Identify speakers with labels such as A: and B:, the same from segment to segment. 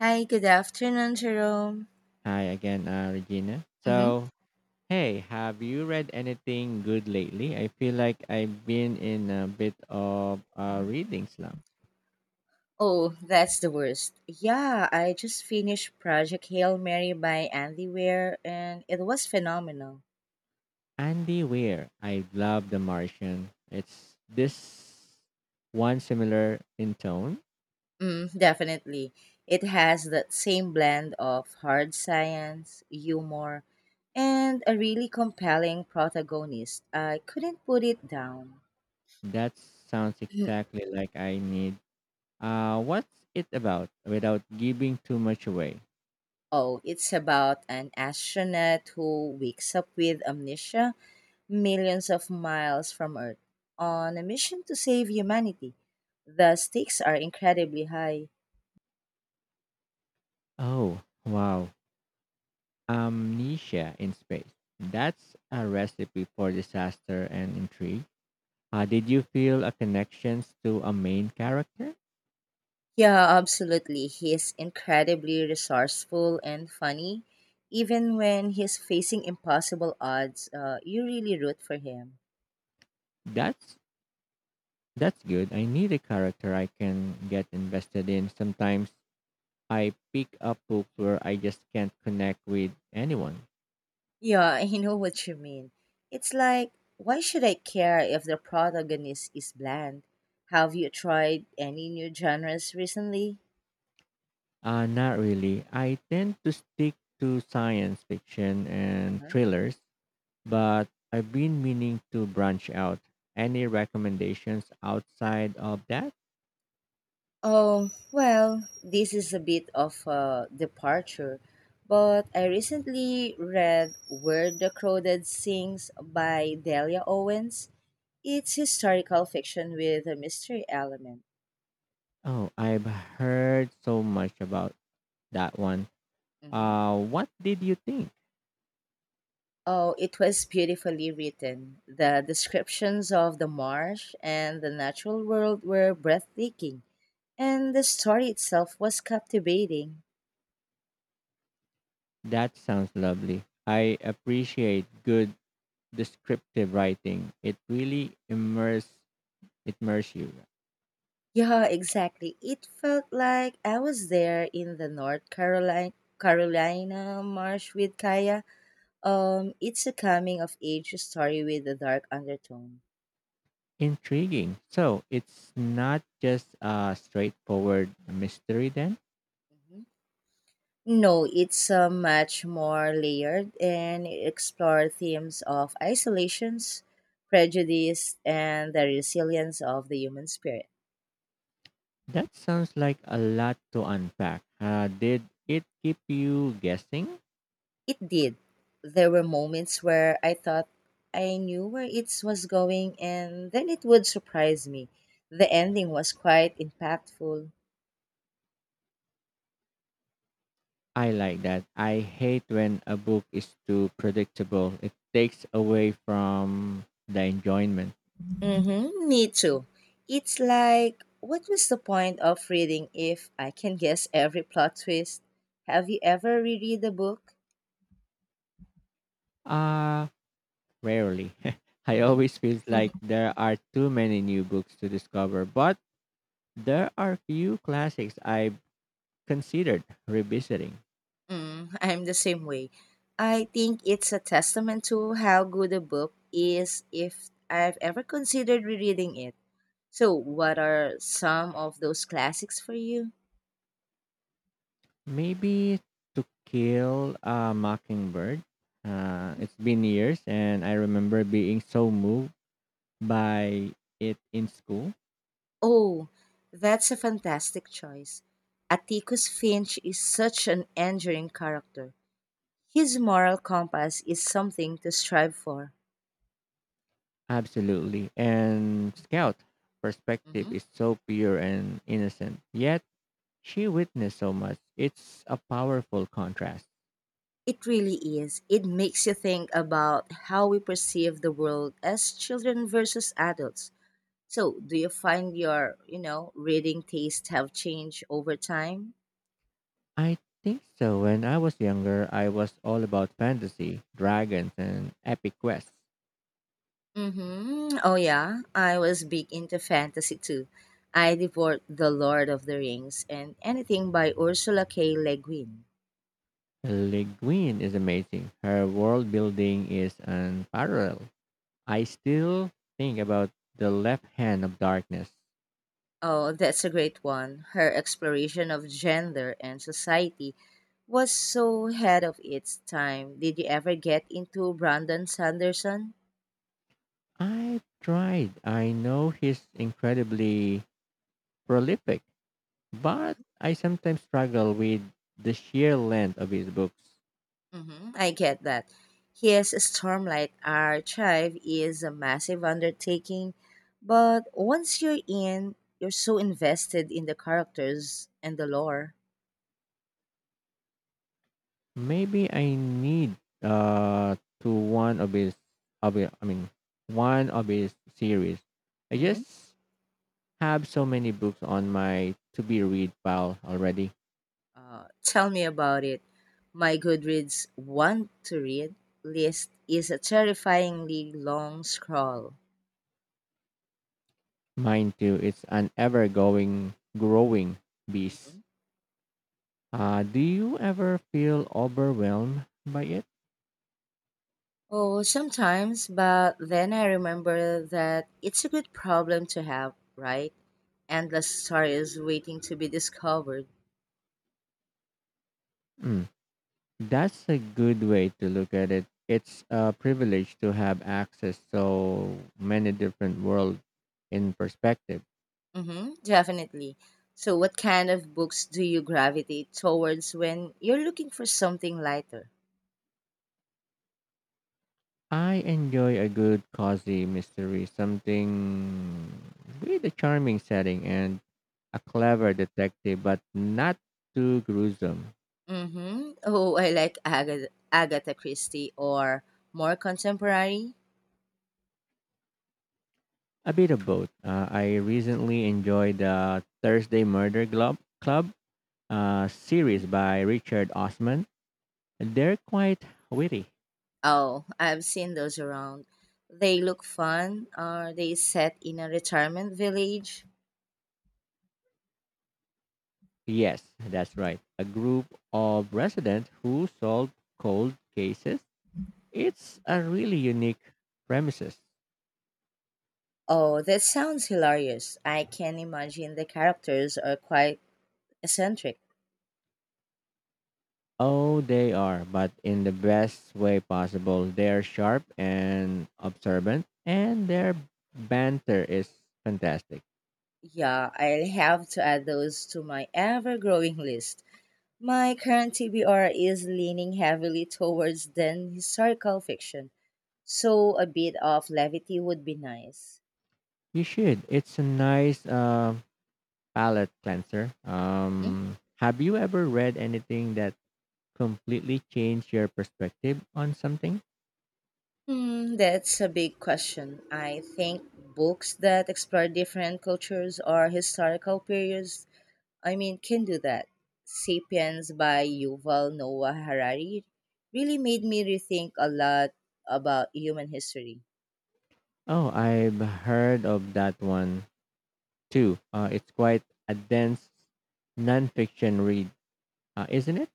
A: Hi, good afternoon, Jerome.
B: Hi again, Regina.
A: hmm
B: So, hey, have you read anything good lately? I feel like I've been in a bit of a reading slump.
A: Oh, that's the worst. Yeah, I just finished Project Hail Mary by Andy Weir, and it was phenomenal.
B: Andy Weir, I love The Martian. It's this one similar in tone.
A: Mm, definitely. It has that same blend of hard science, humor, and a really compelling protagonist. I couldn't put it down.
B: That sounds exactly like I need. What's it about without giving too much away?
A: Oh, it's about an astronaut who wakes up with amnesia millions of miles from Earth on a mission to save humanity. The stakes are incredibly high.
B: Oh, wow. Amnesia in space. That's a recipe for disaster and intrigue. Did you feel a connections to a main character?
A: Yeah, absolutely. He's incredibly resourceful and funny. Even when he's facing impossible odds, you really root for him.
B: That's that's good. I need a character I can get invested in. Sometimes I pick up books where I just can't connect with anyone.
A: Yeah, I know what you mean. It's like, why should I care if the protagonist is bland? Have you tried any new genres recently?
B: Not really. I tend to stick to science fiction and
A: Uh-huh.
B: thrillers, but I've been meaning to branch out. Any recommendations outside of that?
A: Oh, well, this is a bit of a departure, but I recently read Where the Crowded Sings by Delia Owens. It's historical fiction with a mystery element.
B: Oh, I've heard so much about that one.
A: Mhm.
B: What did you think?
A: Oh, it was beautifully written. The descriptions of the marsh and the natural world were breathtaking, and the story itself was captivating.
B: That sounds lovely. I appreciate good descriptive writing. It really immerse you.
A: Yeah, exactly. It felt like I was there in the North Carolina marsh with Kaya. It's a coming of age story with a dark undertone.
B: Intriguing. So it's not just a straightforward mystery then?
A: Mhm. No, it's a much more layered and it explore themes of isolations, prejudice, and the resilience of the human spirit.
B: That sounds like a lot to unpack. Did it keep you guessing?
A: It did. There were moments where I thought I knew where it was going and then it would surprise me. The ending was quite impactful.
B: I like that. I hate when a book is too predictable. It takes away from the enjoyment.
A: Mm-hmm, me too. It's like, what was the point of reading if I can guess every plot twist? Have you ever reread a book?
B: Uh Rarely. I always feel
A: Mm-hmm.
B: like there are too many new books to discover, but there are few classics I've considered revisiting.
A: Mm, I'm the same way. I think it's a testament to how good a book is if I've ever considered rereading it. So, what are some of those classics for you?
B: Maybe To Kill a Mockingbird. It's been years, and I remember being so moved by it in school.
A: Oh, that's a fantastic choice. Atticus Finch is such an enduring character. His moral compass is something to strive for.
B: Absolutely. And Scout perspective
A: Mhm.
B: is so pure and innocent, yet she witnessed so much. It's a powerful contrast.
A: It really is. It makes you think about how we perceive the world as children versus adults. So, do you find your, reading taste have changed over time?
B: I think so. When I was younger, I was all about fantasy, dragons, and epic quests.
A: Mm-hmm. Oh yeah, I was big into fantasy too. I devoured The Lord of the Rings and anything by Ursula K. Le Guin.
B: Le Guin is amazing. Her world building is unparalleled. I still think about The Left Hand of Darkness.
A: Oh, that's a great one. Her exploration of gender and society was so ahead of its time. Did you ever get into Brandon Sanderson?
B: I've tried. I know he's incredibly prolific, but I sometimes struggle with the sheer length of his books.
A: I get that. His Stormlight archive is a massive undertaking, but once you're in, you're so invested in the characters and the lore.
B: Maybe I need uh to one of his of it- I mean one of his series. I
A: hmm
B: just have so many books on my to be read pile already.
A: Tell me about it. My Goodreads want to read list is a terrifyingly long scroll.
B: Mine too. It's an ever going growing beast.
A: Mhm.
B: Do you ever feel overwhelmed by it?
A: Oh, sometimes, but then I remember that it's a good problem to have, right? Endless stories waiting to be discovered.
B: Mm, that's a good way to look at it. It's a privilege to have access so many different worlds in perspective.
A: Mm-hmm, definitely. So, what kind of books do you gravitate towards when you're looking for something lighter?
B: I enjoy a good cozy mystery, something with a charming setting and a clever detective, but not too gruesome.
A: Mm-hmm. Oh, I like Agatha Christie or more contemporary.
B: A bit of both. I recently enjoyed the Thursday Murder Club
A: Mhm.
B: series by Richard Osman. They're quite witty.
A: Oh, I've seen those around. They look fun. Are they set in a retirement village?
B: Yes, that's right. A group of residents who solve cold cases. It's a really unique premises.
A: Oh, that sounds hilarious. I can imagine the characters are quite eccentric.
B: Oh, they are, but in the best way possible. They're sharp and observant, and their banter is fantastic.
A: Yeah, I'll have to add those to my ever growing list. My current TBR is leaning heavily towards then historical fiction, so a bit of levity would be nice.
B: You should. It's a nice palate cleanser.
A: Mhm.
B: Have you ever read anything that completely changed your perspective on something?
A: Hmm, that's a big question. I think books that explore different cultures or historical periods, can do that. Sapiens by Yuval Noah Harari really made me rethink a lot about human history.
B: Oh, I've heard of that one too. It's quite a dense nonfiction read, isn't it?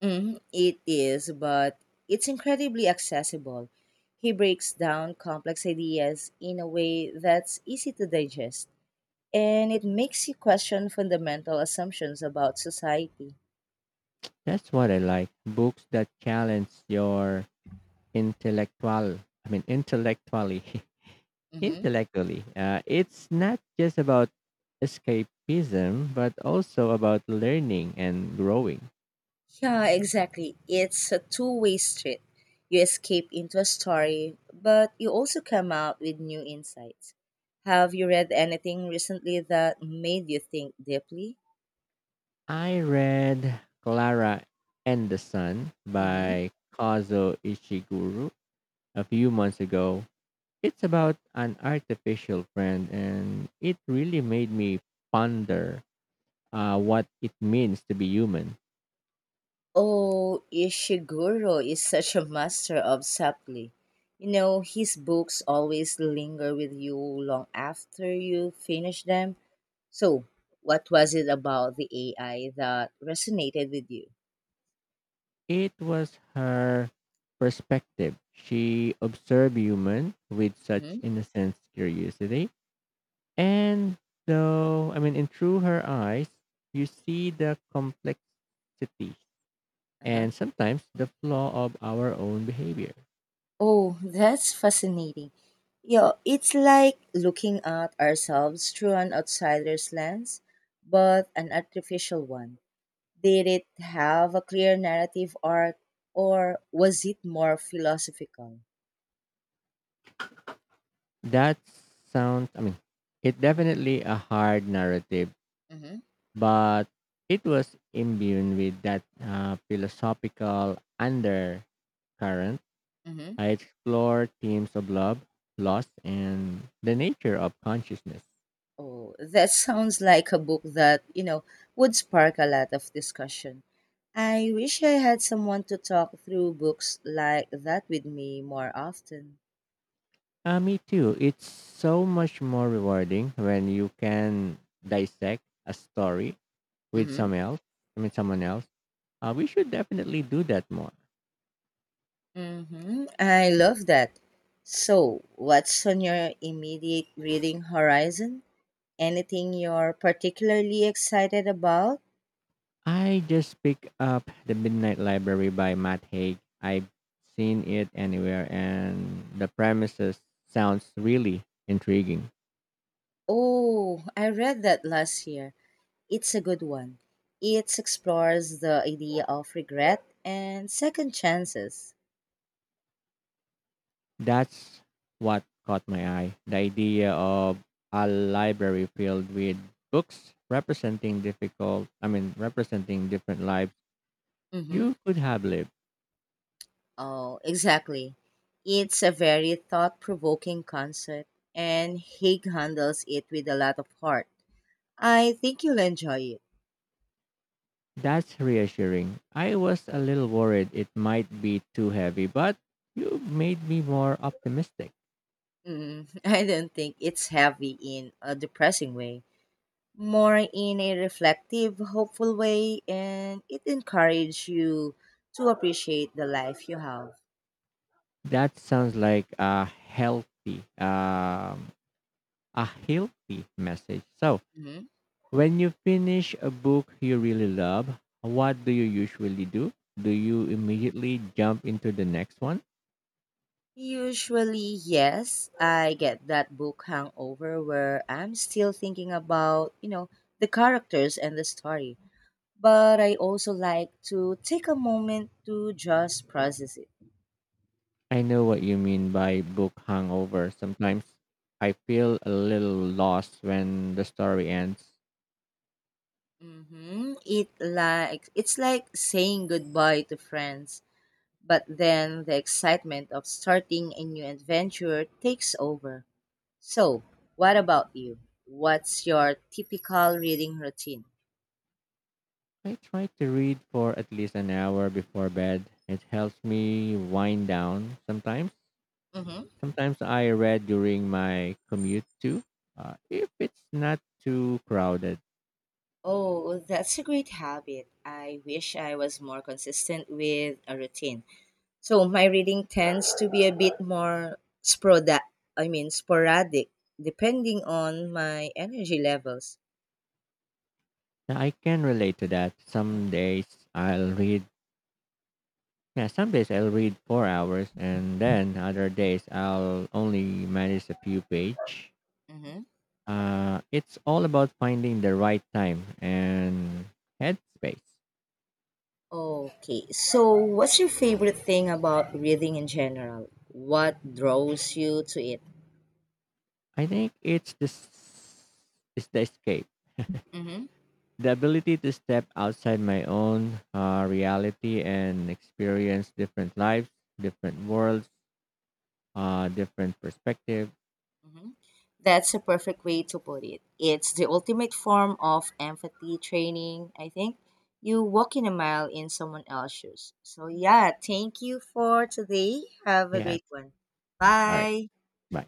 A: Mhm, it is, but it's incredibly accessible. He breaks down complex ideas in a way that's easy to digest, and it makes you question fundamental assumptions about society.
B: That's what I like. Books that challenge your intellectually,
A: hmm
B: intellectually, it's not just about escapism, but also about learning and growing.
A: Yeah, exactly. It's a two-way street. You escape into a story, but you also come out with new insights. Have you read anything recently that made you think deeply?
B: I read Clara and the Sun
A: hmm
B: by Kazuo Ishiguro a few months ago. It's about an artificial friend, and it really made me ponder what it means to be human.
A: Oh, Ishiguro is such a master of subtlety. His books always linger with you long after you finish them. So, what was it about the AI that resonated with you?
B: It was her perspective. She observed human with such
A: hmm
B: innocent curiosity. And so I mean, And through her eyes, you see the complexity
A: Uh-huh.
B: and sometimes the flaw of our own behavior.
A: Oh, that's fascinating. Yeah, it's like looking at ourselves through an outsider's lens, but an artificial one. Did it have a clear narrative arc or was it more philosophical?
B: That sounds, I mean, It definitely a hard narrative,
A: Mm-hmm.
B: but it was imbued with that philosophical undercurrent.
A: Mm-hmm.
B: I explore themes of love, loss, and the nature of consciousness.
A: Oh, that sounds like a book that would spark a lot of discussion. I wish I had someone to talk through books like that with me more often.
B: Me too. It's so much more rewarding when you can dissect a story with
A: Mm-hmm.
B: someone else. I mean, someone else. We should definitely do that more.
A: Mm-hmm. I love that. So, what's on your immediate reading horizon? Anything you're particularly excited about?
B: I just pick up The Midnight Library by Matt Haig. I've seen it anywhere, and the premises sounds really intriguing.
A: Oh, I read that last year. It's a good one. It explores the idea of regret and second chances.
B: That's what caught my eye. The idea of a library filled with books representing representing different lives
A: Mm-hmm.
B: you could have lived.
A: Oh, exactly. It's a very thought provoking concept, and Haig handles it with a lot of heart. I think you'll enjoy it.
B: That's reassuring. I was a little worried it might be too heavy, but you made me more optimistic.
A: Mm, I don't think it's heavy in a depressing way, more in a reflective, hopeful way, and it encourages you to appreciate the life you have.
B: That sounds like a healthy message. So,
A: Mhm.
B: when you finish a book you really love, what do you usually do? Do you immediately jump into the next one?
A: Usually, yes, I get that book hangover where I'm still thinking about, the characters and the story. But I also like to take a moment to just process it.
B: I know what you mean by book hangover. Sometimes I feel a little lost when the story ends.
A: Mm-hmm. It's like saying goodbye to friends, but then the excitement of starting a new adventure takes over. So, what about you? What's your typical reading routine?
B: I try to read for at least an hour before bed. It helps me wind down sometimes.
A: Mm-hmm.
B: Sometimes I read during my commute too, if it's not too crowded.
A: Oh, well, that's a great habit. I wish I was more consistent with a routine. So my reading tends to be a bit more sproda I mean sporadic depending on my energy levels.
B: Yeah, I can relate to that. Some days I'll some days I'll read 4 hours and then other days I'll only manage a few page.
A: Mhm.
B: It's all about finding the right time and headspace.
A: Okay. So what's your favorite thing about reading in general? What draws you to it?
B: I think it's the escape.
A: Mhm.
B: The ability to step outside my own reality and experience different lives, different worlds, different perspective.
A: Mhm. That's a perfect way to put it. It's the ultimate form of empathy training, I think. You walk in a mile in someone else's shoes. So, yeah, thank you for today. Have a great
B: Yes.
A: one.
B: All right.
A: Bye.
B: Bye.